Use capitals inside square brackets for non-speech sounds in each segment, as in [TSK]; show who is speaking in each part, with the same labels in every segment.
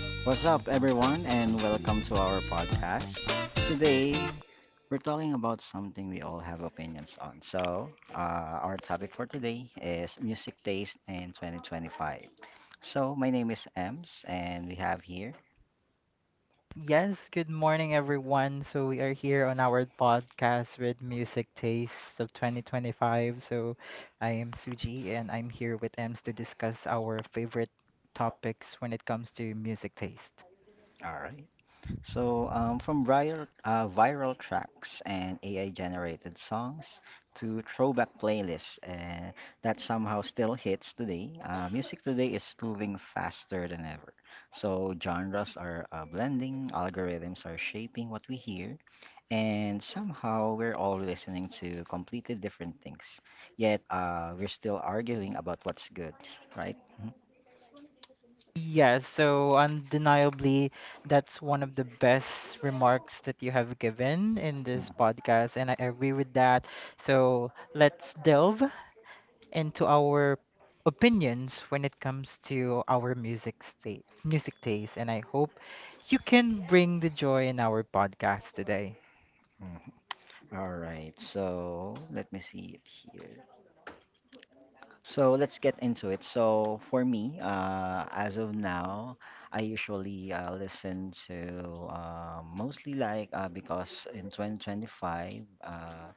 Speaker 1: What's up, everyone, and welcome to our podcast. Today, we're talking about something we all have opinions on. So, our topic for today is music taste in 2025. So, my name is Ems, and we have here.
Speaker 2: Yes, good morning, everyone. So, we are here on our podcast with Music Tastes of 2025. So, I am Suji and I'm here with Ems to discuss our favorite topics when it comes to music taste.
Speaker 1: All right. So, from viral, viral tracks and AI-generated songs to throwback playlists that somehow still hits today. Music today is moving faster than ever. So, genres are blending, algorithms are shaping what we hear, and somehow we're all listening to completely different things. Yet, we're still arguing about what's good, right?
Speaker 2: Yes, so undeniably, that's one of the best remarks that you have given in this
Speaker 1: Mhm.
Speaker 2: podcast, and I agree with that. So, let's delve into our opinions when it comes to our music taste, and I hope you can bring the joy in our podcast today.
Speaker 1: Mhm. All right, so let me see it here. So let's get into it. So for me, as of now, I usually listen to mostly like because in 2025,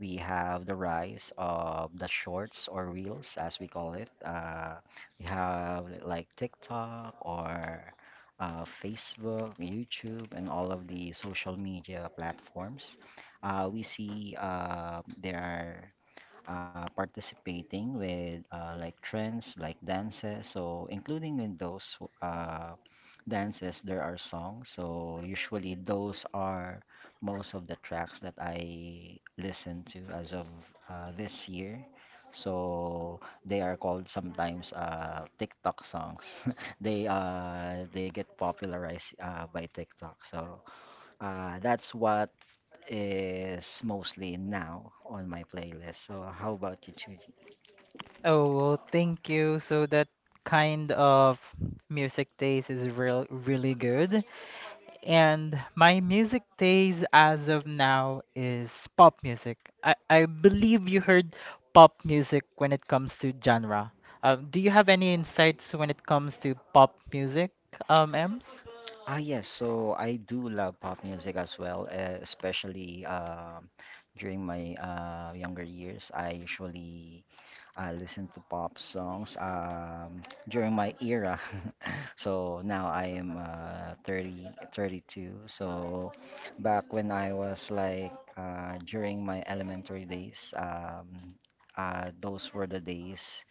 Speaker 1: we have the rise of the shorts or reels, as we call it. We have, like, TikTok or Facebook, YouTube, and all of the social media platforms. We see there are participating with like trends, like dances. So including in those uh, dances, there are songs. So usually those are most of the tracks that I listen to as of this year. So they are called sometimes TikTok songs. [LAUGHS] They get popularized by TikTok. So that's what is mostly now on my playlist. So how about you, Chuji?
Speaker 2: Oh, well, thank you. So that kind of music taste is really good. And my music taste as of now is pop music. I believe you heard pop music when it comes to genre. Do you have any insights when it comes to pop music, Ems?
Speaker 1: Ah, yes. So I do love pop music as well, especially during my younger years. I usually listen to pop songs during my era. [LAUGHS] So now I am 32. So back when I was like during my elementary days, those were the days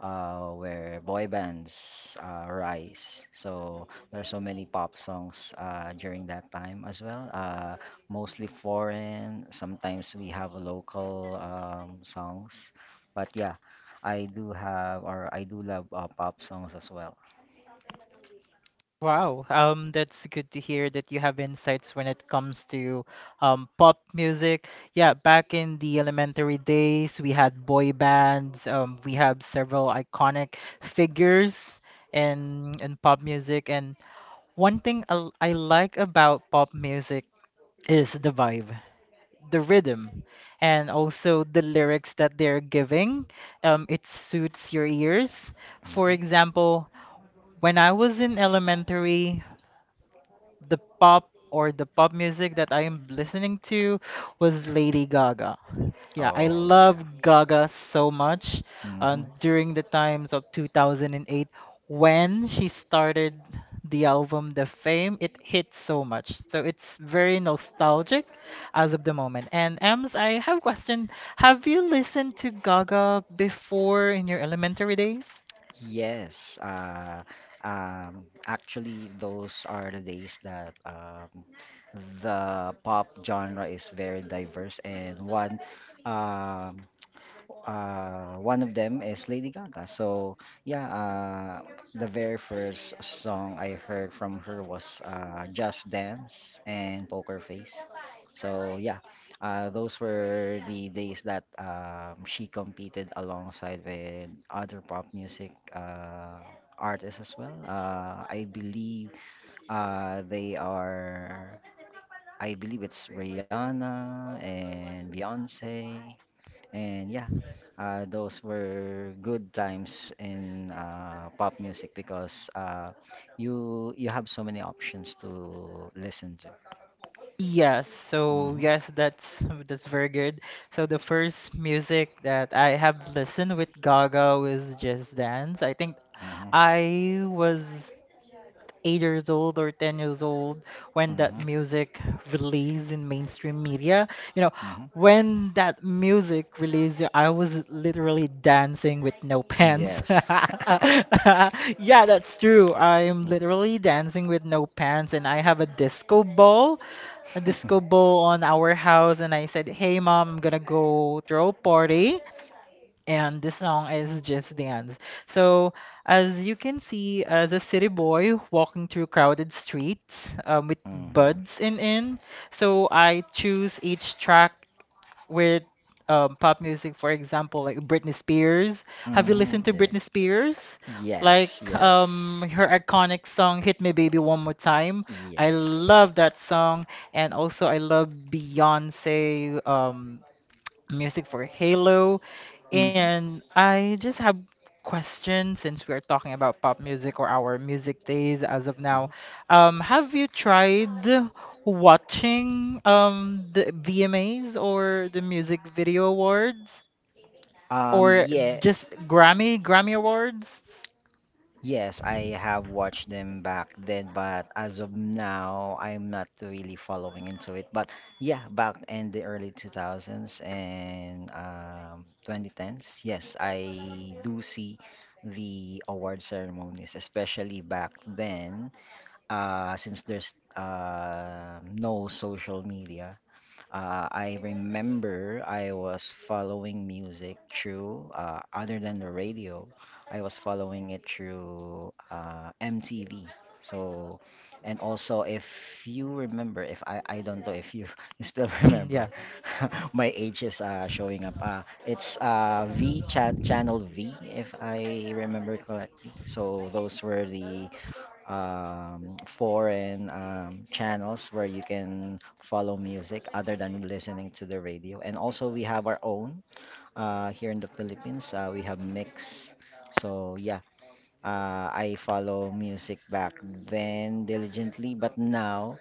Speaker 1: where boy bands rise. So there are so many pop songs during that time as well, mostly foreign. Sometimes we have local songs, but yeah, I do have or I do love pop songs as well.
Speaker 2: Wow, that's good to hear that you have insights when it comes to pop music. Yeah, back in the elementary days, we had boy bands. We have several iconic figures in pop music. And one thing I like about pop music is the vibe, the rhythm, and also the lyrics that they're giving. It suits your ears. For
Speaker 1: Mhm.
Speaker 2: example, when I was in elementary, the pop or the pop music that I am listening to was Lady Gaga. Yeah, I
Speaker 1: Oh yeah.
Speaker 2: love Gaga so much.
Speaker 1: Mhm.
Speaker 2: During the times of 2008, when she started the album The Fame, it hit so much. So it's very nostalgic as of the moment. And Ems, I have a question. Have you listened to Gaga before in your elementary days?
Speaker 1: Yes, actually, those are the days that the pop genre is very diverse, and one um, one of them is Lady Gaga. So yeah, the very first song I heard from her was Just Dance and Poker Face. So yeah, those were the days that she competed alongside with other pop music artists as well. I believe they are. I believe it's Rihanna and Beyonce, and yeah, those were good times in pop music because you have so many options to listen to. Mhm,
Speaker 2: Yes, that's very good. So the first music that I have listened with Gaga was Just Dance. I think
Speaker 1: mhm,
Speaker 2: I was 8 years old or 10 years old when that
Speaker 1: mhm,
Speaker 2: music released in mainstream media. You know,
Speaker 1: mhm.
Speaker 2: when that music released, I was literally dancing with no pants.
Speaker 1: Yes. [LAUGHS]
Speaker 2: [LAUGHS] Yeah, that's true. I'm literally dancing with no pants, and I have a
Speaker 1: Mm.
Speaker 2: disco ball on our house, and I said, "Hey, Mom, I'm gonna go throw a party." And the song is Just Dance. So, as you can see,
Speaker 1: [LAUGHS]
Speaker 2: as a city boy walking through crowded streets with
Speaker 1: Mm-hmm.
Speaker 2: buds so I choose each track with pop music, for example, like Britney Spears. Have you listened
Speaker 1: Mm-hmm.
Speaker 2: to
Speaker 1: Yeah.
Speaker 2: Britney Spears? Like
Speaker 1: Yes, yes.
Speaker 2: her iconic song "Hit Me Baby One More Time." I
Speaker 1: Yes.
Speaker 2: love that song, and also I love Beyonce music for Halo.
Speaker 1: Mm-hmm.
Speaker 2: And I just have question since we are talking about pop music or our music days as of now.
Speaker 1: Mhm.
Speaker 2: Have you tried watching the VMAs or the Music Video Awards or
Speaker 1: Yeah.
Speaker 2: just Grammy Awards?
Speaker 1: Yes, I have watched them back then, but as of now, I'm not really following into it. But yeah, back in the early 2000s and 2010s, yes, I do see the award ceremonies, especially back then, since there's no social media. I remember I was following music through, other than the radio, I was following it through MTV. So, and also if you remember, if I don't know if you, [LAUGHS] you still
Speaker 2: [CLEARS THROAT]
Speaker 1: remember,
Speaker 2: Yeah.
Speaker 1: [LAUGHS] my age is showing up. It's V cha channel V, if I remember correctly. So those were the foreign channels where you can follow music other than listening to the radio. And also, we have our own here in the Philippines. We have Mix. So, yeah, I follow music back then diligently, but now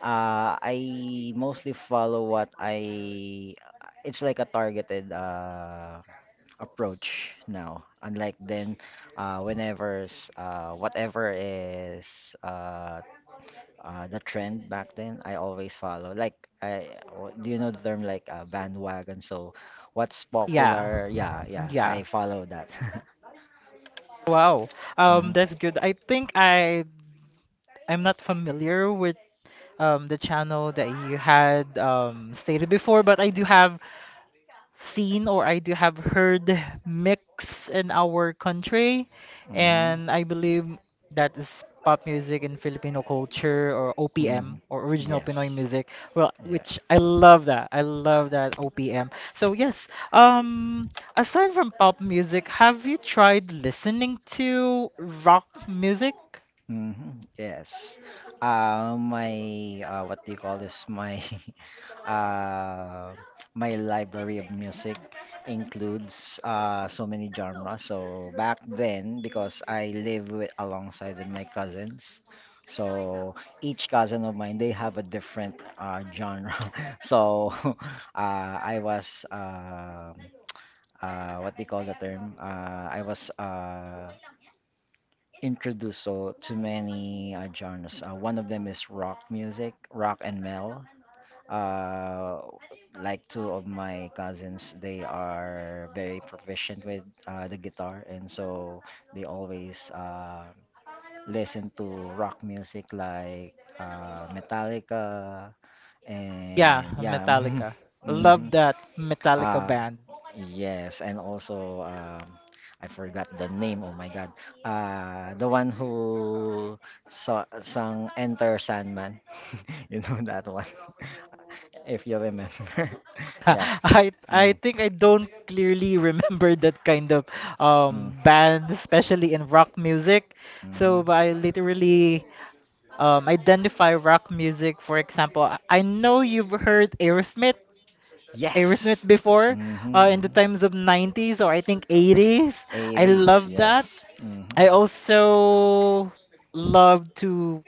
Speaker 1: I mostly follow what I. It's like a targeted approach now, unlike then whatever is the trend back then, I always follow, like do you know the term, like bandwagon? So what's
Speaker 2: Yeah.
Speaker 1: popular, yeah, yeah,
Speaker 2: Yeah.
Speaker 1: I follow that. [LAUGHS]
Speaker 2: Wow.
Speaker 1: Hmm,
Speaker 2: That's good. I think I'm not familiar with the channel that you had stated before, but I do have seen or I do have heard mix in our country,
Speaker 1: hmm,
Speaker 2: and I believe that is pop music in Filipino culture or
Speaker 1: hmm.
Speaker 2: OPM or original Pinoy
Speaker 1: Yes.
Speaker 2: music. Well,
Speaker 1: Yes.
Speaker 2: which I love that. I love that OPM. So yes, um, aside from pop music, have you tried listening to rock music?
Speaker 1: Hmm. Yes. My what do you call this? My [LAUGHS] uh, my library of music includes so many genres. So back then, because I live with, alongside with my cousins, so each cousin of mine, they have a different genre. [LAUGHS] So [LAUGHS] I was what do you call the term? I was introduced, so, to many genres. One of them is rock music, rock and metal. Uh, like two of my cousins, they are very proficient with the guitar, and so they always listen to rock music, like Metallica,
Speaker 2: Yeah,
Speaker 1: and yeah.
Speaker 2: Metallica.
Speaker 1: [LAUGHS] Hmm.
Speaker 2: Love that Metallica
Speaker 1: Uh,
Speaker 2: band.
Speaker 1: yes, and also I forgot the name. Oh my God, the one who saw, sung "Enter Sandman," [LAUGHS] you know that one, [LAUGHS] if you remember. [LAUGHS]
Speaker 2: [LAUGHS]
Speaker 1: Yeah.
Speaker 2: I
Speaker 1: Mm,
Speaker 2: think I don't clearly [LAUGHS] remember that kind of
Speaker 1: mm,
Speaker 2: band, especially in rock music.
Speaker 1: hmm.
Speaker 2: So I literally identify rock music. For example, I know you've heard Aerosmith
Speaker 1: Yes.
Speaker 2: before,
Speaker 1: Mm-hmm,
Speaker 2: in the
Speaker 1: mm-hmm.
Speaker 2: times of 90s or I think 80s. I
Speaker 1: 80s.
Speaker 2: love that.
Speaker 1: Yes. Mm-hmm.
Speaker 2: I also love to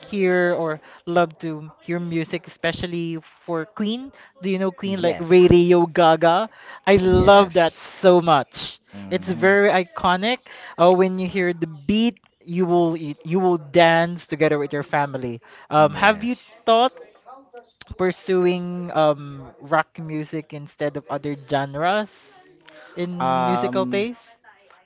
Speaker 2: hear music, especially for Queen. Do you know Queen like
Speaker 1: Yes.
Speaker 2: Radio Gaga? I love
Speaker 1: Yes.
Speaker 2: that so much. It's
Speaker 1: Mhm.
Speaker 2: very iconic. When you hear the beat, you will dance together with your family. Have you
Speaker 1: Yes.
Speaker 2: thought pursuing rock music instead of other genres in musical
Speaker 1: Um,
Speaker 2: taste?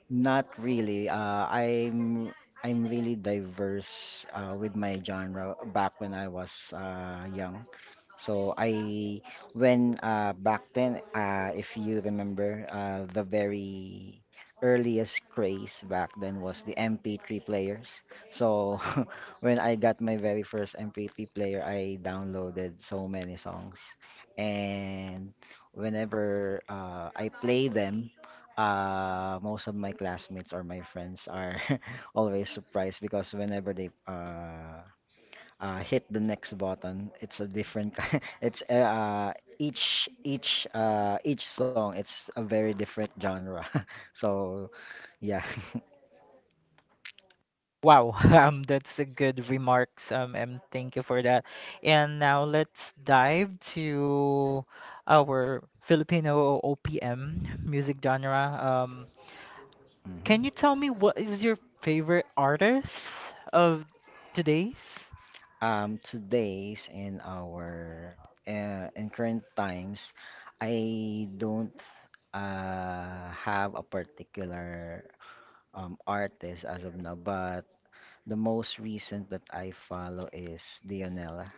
Speaker 1: not really. I'm really diverse with my genre back when I was young. So I when back then, if you remember, the very earliest craze back then was the MP3 players. So [LAUGHS] when I got my very first MP3 player, I downloaded so many songs, and whenever I play them, most of my classmates or my friends are [LAUGHS] always surprised because whenever they hit the next button, it's a different [LAUGHS] it's each song, it's a very different genre. [LAUGHS] So yeah.
Speaker 2: Wow, [LAUGHS] that's a good remarks, and thank you for that. And now let's dive to our Filipino OPM music genre. Um,
Speaker 1: [LAUGHS] Hmm.
Speaker 2: can you tell me what is your favorite artist of today's?
Speaker 1: Today's, in our in current times, I don't have a particular artist as of now, but the most recent that I follow is Dionella.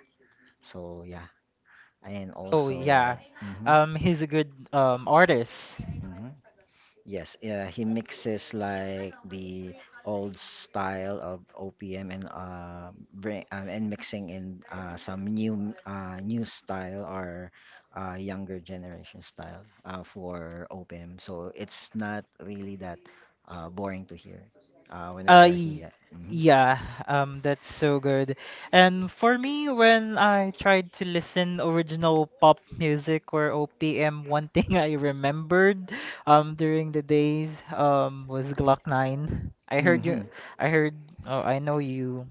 Speaker 1: So yeah, and
Speaker 2: Oh
Speaker 1: also
Speaker 2: yeah,
Speaker 1: mhm,
Speaker 2: he's a good artist.
Speaker 1: mhm. Yes, yeah, he mixes like the old style of OPM and bring and mixing in some new new style or younger generation style for OPM. So it's not really that boring to hear
Speaker 2: Uh,
Speaker 1: whenever he
Speaker 2: y-
Speaker 1: mhm.
Speaker 2: yeah, that's so good. And for me, when I tried to listen original pop music or OPM, one [LAUGHS] thing I remembered during the days was Glock 9.
Speaker 1: Mhm.
Speaker 2: I heard, oh, I know you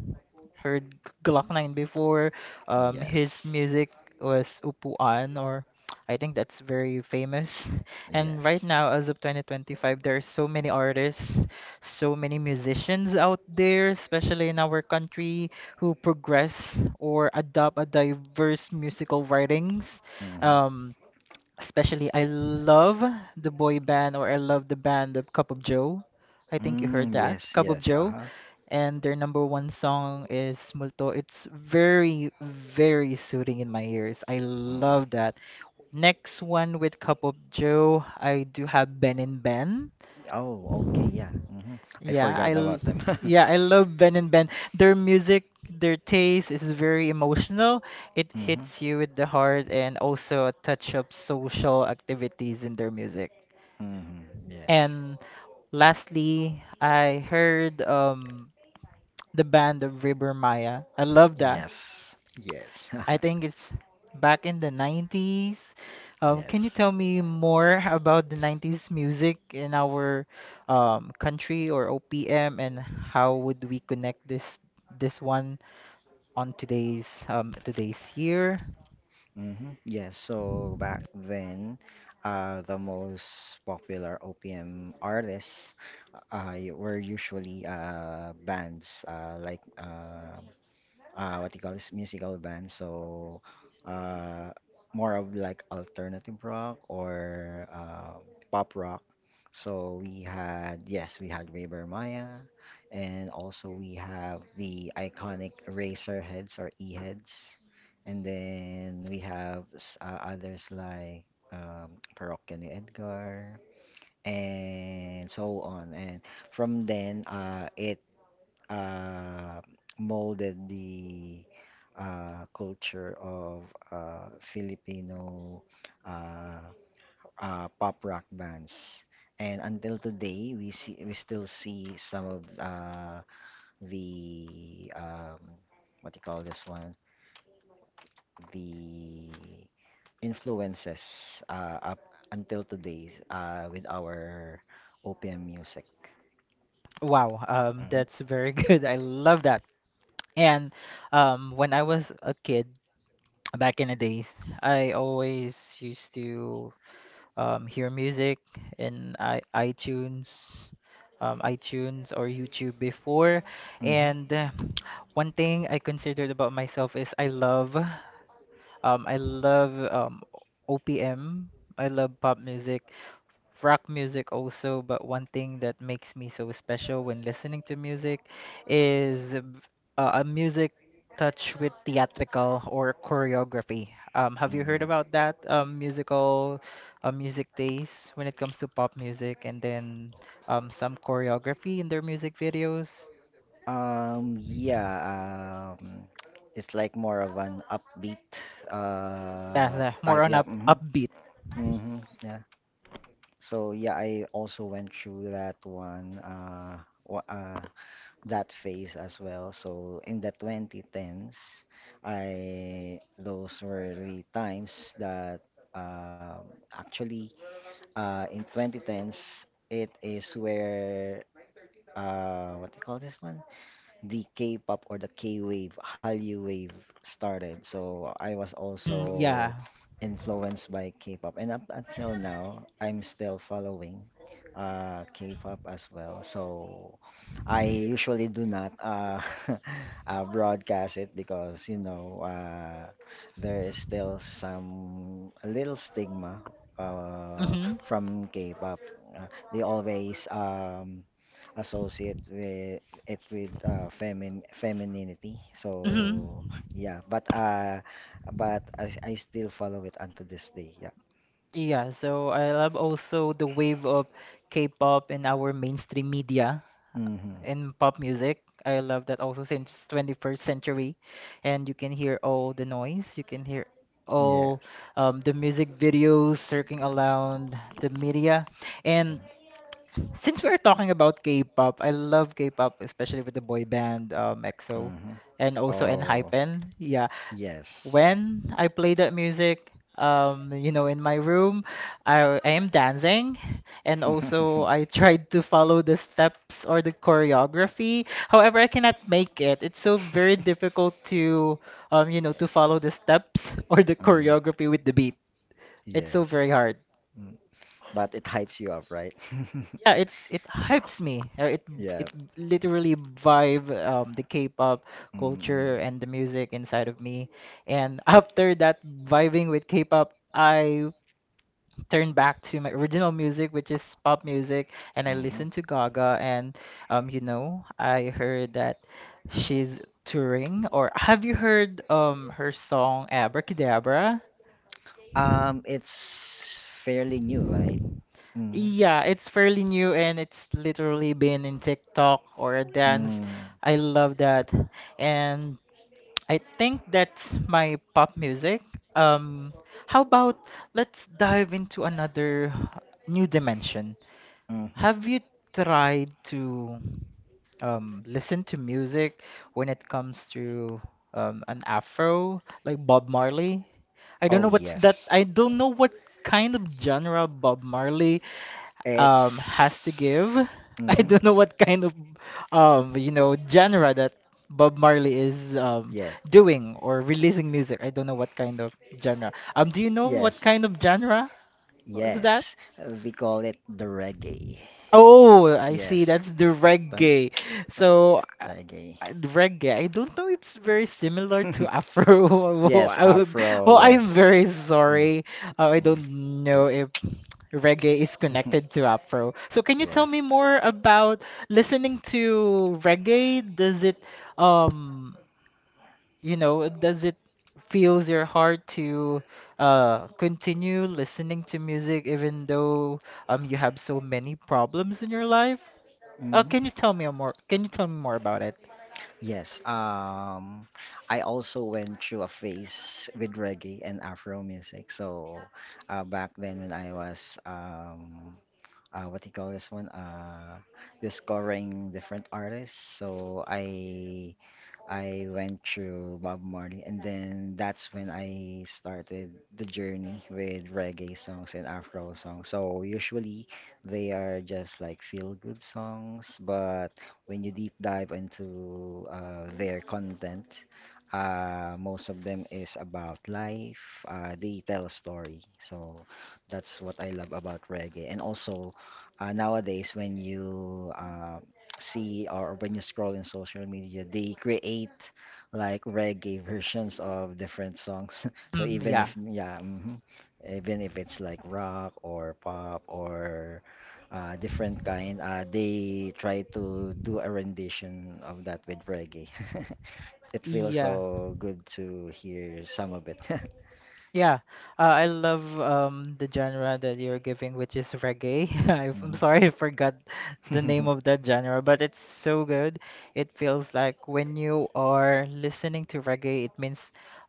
Speaker 2: heard Glock 9 before. His
Speaker 1: Yes.
Speaker 2: music was Upuan, or I think that's very famous. [LAUGHS] And right
Speaker 1: Yes.
Speaker 2: now, as of 2025, there are so many artists, so many musicians out there, especially in our country, who progress or adopt a diverse musical writings.
Speaker 1: Hmm.
Speaker 2: Um, I love the boy band, or I love the band of Cup of Joe. I think you heard
Speaker 1: Mm,
Speaker 2: that.
Speaker 1: yes,
Speaker 2: Cup of
Speaker 1: yes,
Speaker 2: Joe
Speaker 1: uh-huh.
Speaker 2: and their number one song is Multo. It's very, very soothing in my ears. I
Speaker 1: Mm.
Speaker 2: love that. Next one with Cup of Joe, I do have Ben and Ben.
Speaker 1: Oh, okay, yeah. Hmm. I
Speaker 2: Yeah,
Speaker 1: forgot about them.
Speaker 2: yeah, I
Speaker 1: [LAUGHS]
Speaker 2: love Ben and Ben. Their music, their taste is very emotional. It
Speaker 1: Hmm,
Speaker 2: hits you with the heart and also a touch of social activities in their music.
Speaker 1: hmm.
Speaker 2: And lastly, I heard the band of River Maya. I love that.
Speaker 1: Yes. Yes. Yes.
Speaker 2: I
Speaker 1: [LAUGHS]
Speaker 2: think it's back in the 90s. Can you
Speaker 1: Yes.
Speaker 2: tell me more about the 90s music in our country or OPM and how would we connect this one on today's today's year?
Speaker 1: Mm-hmm. Yes, so back then, the most popular OPM artists were usually bands, like what you call this, musical band. So uh, more of like alternative rock or pop rock. So we had, yes, we had Raver Maya, and also we have the iconic Razor Heads or E Heads, and then we have others like Parokya ni Edgar and so on. And from then, it uh, molded the culture of Filipino uh, pop rock bands. And until today, we still see some of the what do you call this one? The influences up until today with our OPM music.
Speaker 2: Wow, that's
Speaker 1: Hmm,
Speaker 2: very [LAUGHS] good. I love that. And when I was a kid back in the days, I always used to hear music in I iTunes, iTunes or YouTube before.
Speaker 1: hmm.
Speaker 2: And one thing I considered about myself is I love OPM. I love pop music rock music also, but one thing that makes me so special when listening to music is a music touch with theatrical or choreography. Have you heard
Speaker 1: Mm.
Speaker 2: about that musical music taste when it comes to pop music and then some choreography in their music videos?
Speaker 1: Yeah, um, it's like more of an upbeat
Speaker 2: That's more
Speaker 1: type.
Speaker 2: on
Speaker 1: Yeah.
Speaker 2: up
Speaker 1: Hmm,
Speaker 2: upbeat.
Speaker 1: hmm. Yeah. So yeah, I also went through that one wha- uh that phase as well. So in the 2010s, I those were the times that actually in 2010s, it is where what do you call this one? The K-pop or the K-wave, Hallyu wave started. So I was
Speaker 2: Mm,
Speaker 1: also
Speaker 2: yeah.
Speaker 1: influenced by K-pop, and up until now, I'm still following K-pop as well. So I usually do not [LAUGHS] broadcast it because, you know, there is still some, a little stigma uh,
Speaker 2: Mm-hmm.
Speaker 1: from K-pop. Uh, they always associate with it with femininity. Mm-hmm. So
Speaker 2: Mm-hmm.
Speaker 1: yeah, but but I still follow it unto this day. Yeah.
Speaker 2: Yeah, so I love also the wave of K-pop in our mainstream media
Speaker 1: Mm-hmm.
Speaker 2: and pop music. I love that also since 21st century, and you can hear all the noise, you can hear all
Speaker 1: Yes.
Speaker 2: the music videos circling around the media. And since we're talking about K-pop, I love K-pop, especially with the boy band EXO
Speaker 1: Mm-hmm.
Speaker 2: and also N
Speaker 1: Oh,
Speaker 2: ENHYPEN. Yeah,
Speaker 1: yes.
Speaker 2: when I play that music, you know, in my room, I am dancing, and also I [LAUGHS]
Speaker 1: [LAUGHS]
Speaker 2: tried to follow the steps or the choreography. However, I cannot make it. It's so very difficult to, you know, to follow the steps [LAUGHS] or the
Speaker 1: Yeah.
Speaker 2: choreography with the
Speaker 1: Mm.
Speaker 2: beat. It's so
Speaker 1: Yes.
Speaker 2: very hard.
Speaker 1: Mm. But it hypes you up, right? [LAUGHS]
Speaker 2: Yeah, it's it hypes me. It
Speaker 1: Yeah.
Speaker 2: it literally vibe the K-pop
Speaker 1: Mm-mm.
Speaker 2: culture and the music inside of me. And [LAUGHS] after that vibing with K-pop, I turn back to my original music, which is pop music, and I
Speaker 1: Hmm.
Speaker 2: listened to Gaga. And you know, I heard that she's touring. Or have you heard her song Abracadabra?
Speaker 1: It's fairly new, right? Hmm.
Speaker 2: Yeah, it's fairly new and it's literally been in TikTok or a dance.
Speaker 1: Mm,
Speaker 2: I love that. And I think that's my pop music. Um, how about let's dive into another new dimension.
Speaker 1: mhm.
Speaker 2: Have you tried to listen to music when it comes to an afro, like Bob Marley? I don't
Speaker 1: Oh,
Speaker 2: know what's that.
Speaker 1: yes.
Speaker 2: I don't know what kind of genre Bob Marley has to
Speaker 1: It's.
Speaker 2: give. [LAUGHS]
Speaker 1: [LAUGHS]
Speaker 2: I
Speaker 1: Hmm.
Speaker 2: don't know what kind of you know genre that Bob Marley is
Speaker 1: Yes.
Speaker 2: doing or releasing music. I don't know what kind of genre. Do you know
Speaker 1: Yes.
Speaker 2: what kind of genre was that?
Speaker 1: Yes. We call it the reggae.
Speaker 2: Oh, I see.
Speaker 1: Yes.
Speaker 2: That's the
Speaker 1: Bum-
Speaker 2: reggae. So,
Speaker 1: Reggae.
Speaker 2: reggae. I don't know if it's very similar to
Speaker 1: [LAUGHS]
Speaker 2: Afro. [LAUGHS] Well,
Speaker 1: Yes, Afro,
Speaker 2: well, I'm
Speaker 1: yes.
Speaker 2: very
Speaker 1: Mm,
Speaker 2: sorry. I
Speaker 1: mm.
Speaker 2: don't know
Speaker 1: But-
Speaker 2: if reggae is connected to Afro.
Speaker 1: [LAUGHS]
Speaker 2: So, can you tell
Speaker 1: Yes.
Speaker 2: me more about listening to reggae? Does it, um, you know, does it feels your heart to continue listening to music even though you have so many problems in your life?
Speaker 1: Mhm.
Speaker 2: Can you tell me a more? Can you tell me more about it?
Speaker 1: Yes, I also went through a phase with reggae and Afro music. So, back then when I was, what do you call this one? Discovering different artists. So I went through Bob Marley, and then that's when I started the journey with reggae songs and Afro songs. So usually they are just like feel-good songs, but when you deep dive into their content, most of them is about life. They tell a story. So that's what I love about reggae. And also, nowadays when you see or when you scroll in social media, they create like reggae [LAUGHS] versions of different songs. [LAUGHS] So
Speaker 2: Mm,
Speaker 1: even
Speaker 2: yeah,
Speaker 1: if yeah, hmm, even if it's like rock or pop or different kind, they try to do a rendition of that with reggae. [LAUGHS] It feels
Speaker 2: yeah,
Speaker 1: so good to hear some of it. [LAUGHS]
Speaker 2: yeah. I love the genre that you're giving, which is reggae. [LAUGHS] I'm sorry, I forgot the name
Speaker 1: Mhm.
Speaker 2: of that genre, but it's so good. It feels like when you are listening to reggae, it means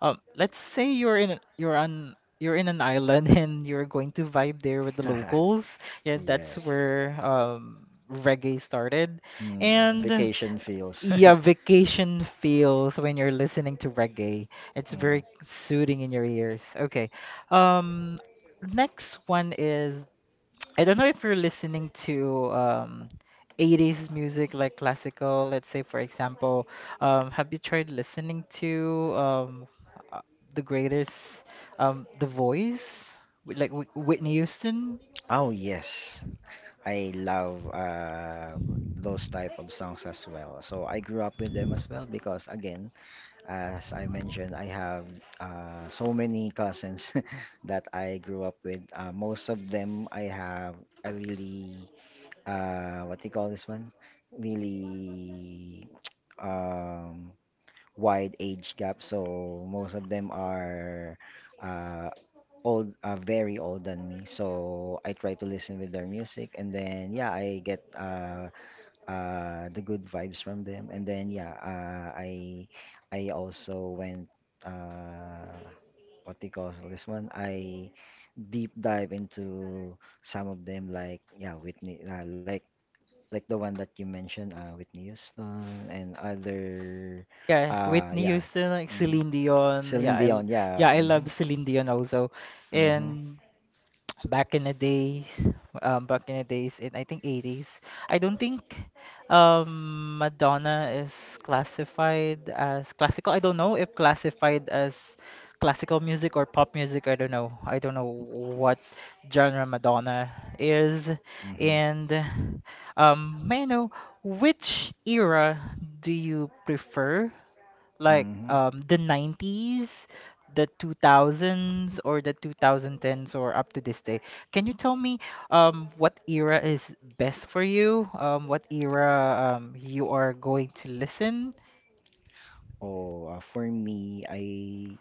Speaker 2: let's say you're in an island [LAUGHS] and you're going to vibe there with the
Speaker 1: [LAUGHS]
Speaker 2: locals. Yeah, that's
Speaker 1: Yes.
Speaker 2: where reggae started.
Speaker 1: Mm,
Speaker 2: And
Speaker 1: vacation feels. [LAUGHS]
Speaker 2: yeah, vacation feels when you're listening to reggae. It's
Speaker 1: Mm.
Speaker 2: very soothing in your ears. Okay. Um, next one is I don't know if you're listening to 80s music like classical. Let's say for example, have you tried listening to uh, the greatest The Voice with, like Whitney Houston?
Speaker 1: Oh yes, I love those type of songs as well. So I grew up with them as well because again, As I mentioned I have so many cousins [LAUGHS] that I grew up with. Most of them I have a really, what do you call this one? really [TSK] um, wide age gap. So most of them are uh, old, very old than me. So I try to listen with their music, and then yeah, I get the good vibes from them, and then yeah, I also went, uh what do you call this one I deep dive into some of them, like yeah, Whitney, like the one that you mentioned, Whitney Houston, and other,
Speaker 2: Yeah, Whitney
Speaker 1: yeah.
Speaker 2: Houston, like
Speaker 1: Mm-hmm.
Speaker 2: Celine Dion. Yeah,
Speaker 1: Celine Dion, yeah.
Speaker 2: I love
Speaker 1: Mm-hmm,
Speaker 2: Celine Dion also.
Speaker 1: mm-hmm,
Speaker 2: And back in the days, back in the days in I think 80s. I don't think Madonna is classified as classical. I don't know if classified as classical music or pop music. I don't know. I don't know what genre Madonna is.
Speaker 1: mm-hmm,
Speaker 2: And may I know which era do you prefer? Like
Speaker 1: mm-hmm.
Speaker 2: the 90s, the 2000s, or the 2010s, or up to this day. Can you tell me what era is best for you? What era you are going to listen?
Speaker 1: Oh, for me, I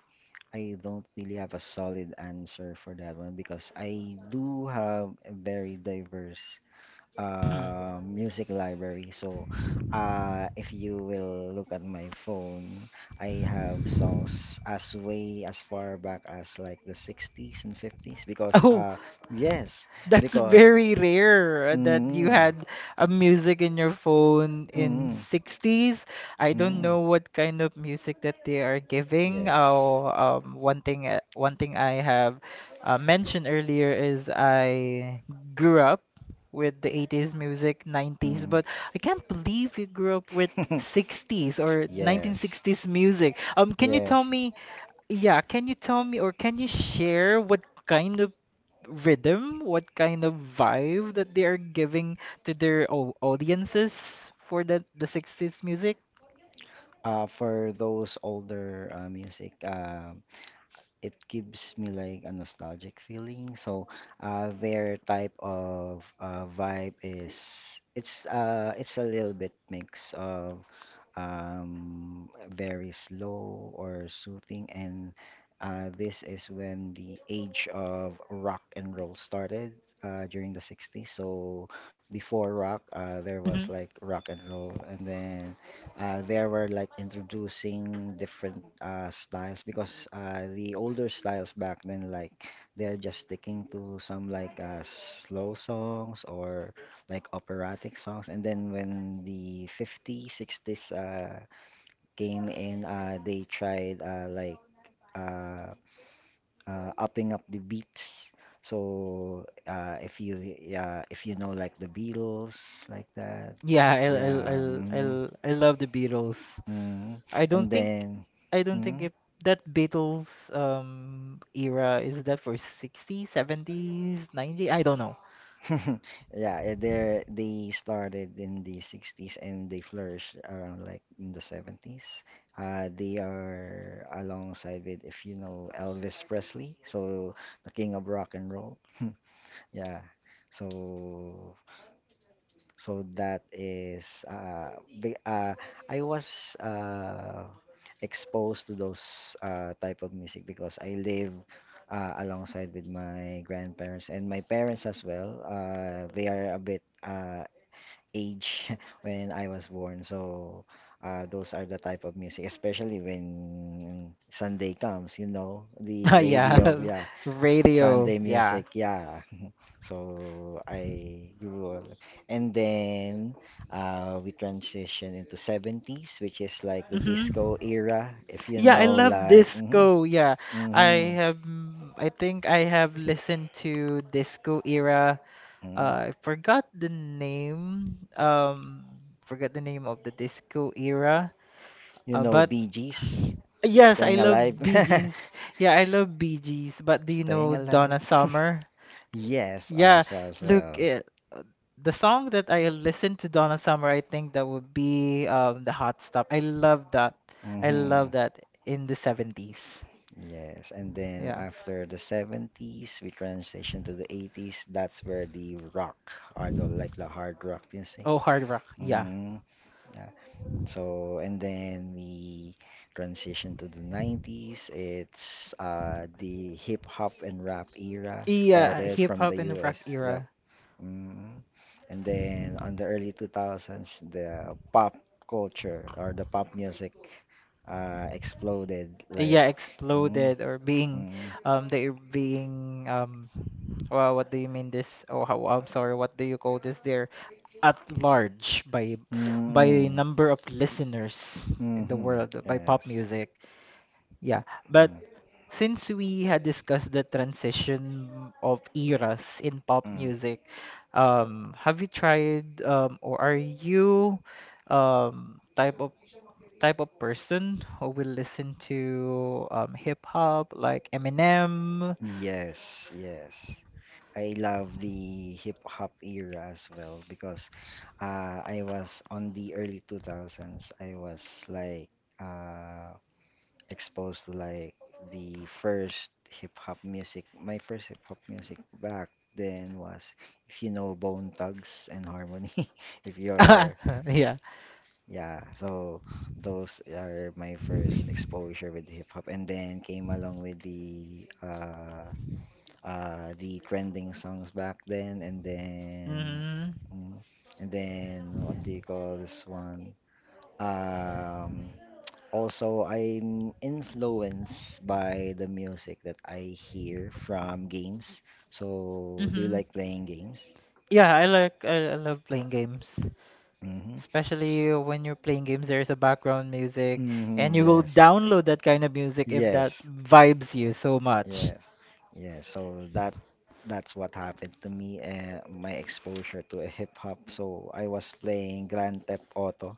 Speaker 1: I don't really have a solid answer for that one because I do have a very diverse
Speaker 2: [CLEARS THROAT]
Speaker 1: music library. So, if you will look at my phone, I have songs as way as far back as like the 60s and 50s because
Speaker 2: Oh.
Speaker 1: yes,
Speaker 2: That's
Speaker 1: because
Speaker 2: very rare that you
Speaker 1: mm,
Speaker 2: had a music in your phone in
Speaker 1: mm,
Speaker 2: 60s. I don't
Speaker 1: mm,
Speaker 2: know what kind of music that they are giving.
Speaker 1: yes.
Speaker 2: Oh, one thing I have mentioned earlier is I grew up with the 80s music, 90s,
Speaker 1: Mm.
Speaker 2: but I can't believe you grew up with
Speaker 1: [LAUGHS]
Speaker 2: 60s or
Speaker 1: Yes.
Speaker 2: 1960s music. Can you
Speaker 1: Yes.
Speaker 2: tell me, yeah, can you tell me or can you share what kind of rhythm, what kind of vibe that they are giving to their audiences for the 60s music.
Speaker 1: For those older music, it gives me like a nostalgic feeling. So, their type of vibe is, it's a little bit mix of very slow or soothing. And this is when the age of rock and roll started during the 60s. So before rock, there was
Speaker 2: Hmm.
Speaker 1: like rock and roll, and then they were like introducing different styles because the older styles back then, like they're just sticking to some like slow songs or like operatic songs. And then when the 50s, 60s came in, they tried uh, upping up the beats. So if you yeah, if you know like the Beatles like that,
Speaker 2: Yeah,
Speaker 1: yeah.
Speaker 2: I
Speaker 1: Mhm,
Speaker 2: I love the Beatles.
Speaker 1: mhm.
Speaker 2: I don't
Speaker 1: And
Speaker 2: think
Speaker 1: then,
Speaker 2: I don't think
Speaker 1: mhm.
Speaker 2: if that Beatles era is that for 60s, 70s, 90s, I don't know.
Speaker 1: [LAUGHS] Yeah, they started in the 60s and they flourished around like in the 70s. They are alongside with, if you know, Elvis Presley, so the king of rock and roll. [LAUGHS] Yeah, so so that is, be I was exposed to those type of music because I live alongside with my grandparents and my parents as well. They are a bit age [LAUGHS] when I was born, so those are the type of music, especially when Sunday comes. You know, the
Speaker 2: [LAUGHS]
Speaker 1: radio,
Speaker 2: Yeah,
Speaker 1: yeah,
Speaker 2: [LAUGHS] radio.
Speaker 1: Sunday
Speaker 2: Yeah.
Speaker 1: music, yeah. So I grew up, and then we transitioned into 70s, which is like the
Speaker 2: Hmm.
Speaker 1: disco era. If you
Speaker 2: Yeah, I
Speaker 1: know,
Speaker 2: love
Speaker 1: like,
Speaker 2: disco. Yeah,
Speaker 1: hmm
Speaker 2: I have. I think I have listened to disco era.
Speaker 1: hmm
Speaker 2: I forgot the name. Forgot the name of the disco era.
Speaker 1: you know,
Speaker 2: But
Speaker 1: Bee Gees,
Speaker 2: yes, I
Speaker 1: Staying Alive,
Speaker 2: love Bee
Speaker 1: [LAUGHS]
Speaker 2: Gees. Yeah, I love Bee Gees. But do you know
Speaker 1: Staying Alive.
Speaker 2: Donna
Speaker 1: [LAUGHS]
Speaker 2: Summer?
Speaker 1: Yes,
Speaker 2: Yeah,
Speaker 1: also as
Speaker 2: look,
Speaker 1: well.
Speaker 2: it, the song that I listened to Donna Summer, I think that would be the Hot Stuff. I love that. I love
Speaker 1: Mm-hmm.
Speaker 2: that in the 70s.
Speaker 1: Yes, and then
Speaker 2: Yeah.
Speaker 1: after the 70s, we transition to the 80s. That's where the rock or the like the hard rock music.
Speaker 2: Oh, hard rock. Yeah.
Speaker 1: Mm, yeah. So and then we transition to the 90s. It's the hip hop and rap era
Speaker 2: Yeah,
Speaker 1: started
Speaker 2: hip
Speaker 1: from
Speaker 2: hop
Speaker 1: the
Speaker 2: and rock
Speaker 1: US. Yep.
Speaker 2: era.
Speaker 1: Mm. And then on the early 2000s, the pop culture or the pop music exploded like
Speaker 2: Yeah,
Speaker 1: mm,
Speaker 2: exploded or being
Speaker 1: mm.
Speaker 2: they being well what do you mean this oh how, I'm sorry what do you call this they're at large by
Speaker 1: Mm-mm.
Speaker 2: number of listeners in the
Speaker 1: Mm-hmm.
Speaker 2: world by pop
Speaker 1: Yes.
Speaker 2: music.
Speaker 1: Yeah.
Speaker 2: Yeah, but
Speaker 1: Mm.
Speaker 2: since we had discussed the transition of eras in pop
Speaker 1: Mm.
Speaker 2: music, have you tried or are you type of person who will listen to hip hop like Eminem?
Speaker 1: Yes, yes. I love the hip hop era as well because I was on the early 2000s. I was like uh, exposed to like the first hip hop music. My first hip hop music back then was, if you know, Bone Thugs and Harmony. [LAUGHS] If Uh-huh. you're,
Speaker 2: [LAUGHS] Yeah.
Speaker 1: yeah, so those are my first exposure with hip hop, and then came along with the trending songs back then, and then.
Speaker 2: Mm-hmm.
Speaker 1: mm, And then what do you call this one? Um, Also, I'm influenced by the music that I hear from games. So, do you
Speaker 2: Mm-hmm.
Speaker 1: like playing games?
Speaker 2: Yeah, I like I love playing games.
Speaker 1: Mm-hmm.
Speaker 2: Especially when you're playing games, there's a background music, and
Speaker 1: Mm-hmm,
Speaker 2: you will
Speaker 1: yes.
Speaker 2: download that kind of music if that
Speaker 1: Yes.
Speaker 2: vibes you so much.
Speaker 1: Yeah. Yeah, so that's what happened to me and my exposure to a hip hop. So I was playing Grand Theft Auto.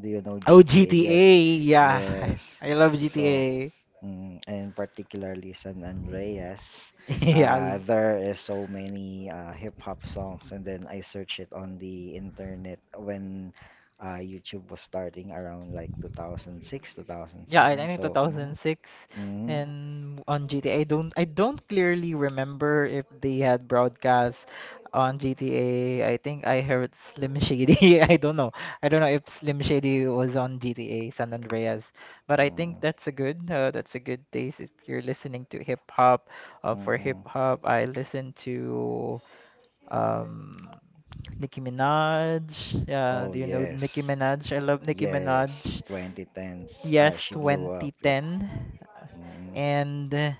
Speaker 1: Do you know
Speaker 2: Oh,
Speaker 1: GTA? Yes.
Speaker 2: GTA, yeah. [LAUGHS]
Speaker 1: Yes.
Speaker 2: I love
Speaker 1: So
Speaker 2: GTA.
Speaker 1: Mm, and particularly San Andreas,
Speaker 2: [LAUGHS] Yes.
Speaker 1: there is so many hip hop songs, and then I searched it on the internet when YouTube was starting around like 2006,
Speaker 2: Yeah, I
Speaker 1: 2007.
Speaker 2: think
Speaker 1: So,
Speaker 2: 2006
Speaker 1: mm,
Speaker 2: and on GTA. Don't I don't clearly remember if they had broadcast on GTA. I think I heard Slim Shady. [LAUGHS] I don't know. I don't know if Slim Shady was on GTA San Andreas, but I think
Speaker 1: Mm,
Speaker 2: that's a good taste if you're listening to hip hop.
Speaker 1: mm,
Speaker 2: For hip
Speaker 1: mm.
Speaker 2: hop, I listen to um Nicki Minaj. Yeah,
Speaker 1: Oh,
Speaker 2: do you know Nicki
Speaker 1: yes.
Speaker 2: Minaj? I love Nicki
Speaker 1: Yes.
Speaker 2: Minaj.
Speaker 1: 2010s. Ah,
Speaker 2: Yes,
Speaker 1: she blew up. Yep.
Speaker 2: 2010.
Speaker 1: Mm.
Speaker 2: And uh,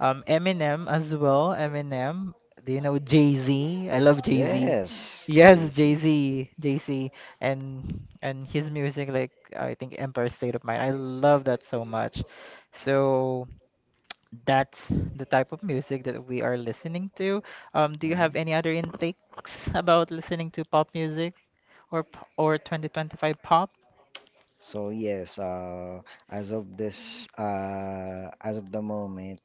Speaker 2: um, Eminem as well. Eminem. Do you know Jay-Z? I love Jay-Z.
Speaker 1: Yes.
Speaker 2: Yes,
Speaker 1: Jay-Z.
Speaker 2: Jay-Z, Jay-Z, and his music, like I think Empire State of Mind. I love that so much. So that's the type of music that we are listening to. Do you have
Speaker 1: Mm.
Speaker 2: any other intakes about listening to pop music or 2025 pop?
Speaker 1: So yes, as of the moment,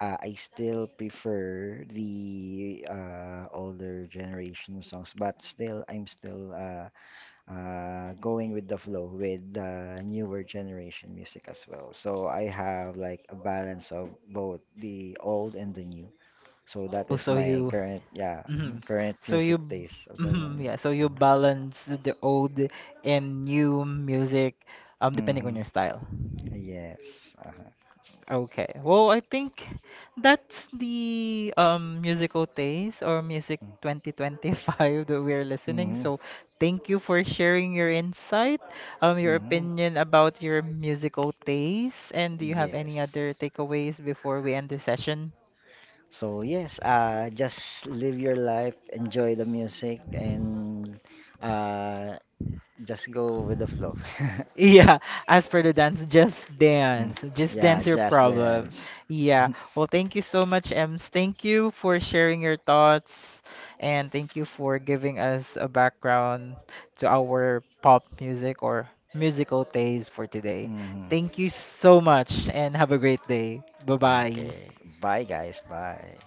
Speaker 1: I still prefer the older generation songs, but still, I'm still going with the flow with the newer generation music as well. So I have like a balance of both the old and the new. So that is
Speaker 2: So
Speaker 1: my
Speaker 2: you
Speaker 1: current, yeah, mhm,
Speaker 2: hmm
Speaker 1: current
Speaker 2: so you,
Speaker 1: music taste of the
Speaker 2: mm
Speaker 1: moment.
Speaker 2: yeah, so you balance the old and new music, depending
Speaker 1: hmm
Speaker 2: on your style.
Speaker 1: Yes.
Speaker 2: Okay. Well, I think that's the musical taste or music 2025 that we're listening.
Speaker 1: Mhm.
Speaker 2: So thank you for sharing your insight, your
Speaker 1: Mhm.
Speaker 2: opinion about your musical taste. And do you have any
Speaker 1: Yes.
Speaker 2: other takeaways before we end the session?
Speaker 1: So yes, just live your life, enjoy the music, and uh, just go with the flow. [LAUGHS]
Speaker 2: Yeah, as for the dance, just
Speaker 1: Mm.
Speaker 2: dance. Just
Speaker 1: Yeah,
Speaker 2: dance your
Speaker 1: just
Speaker 2: problem.
Speaker 1: dance.
Speaker 2: Yeah.
Speaker 1: [LAUGHS]
Speaker 2: Well, thank you so much, Ems. Thank you for sharing your thoughts and thank you for giving us a background to our pop music or musical taste for today.
Speaker 1: Mhm.
Speaker 2: Thank you so much and have a great day. Bye-bye.
Speaker 1: Okay. Bye, guys. Bye.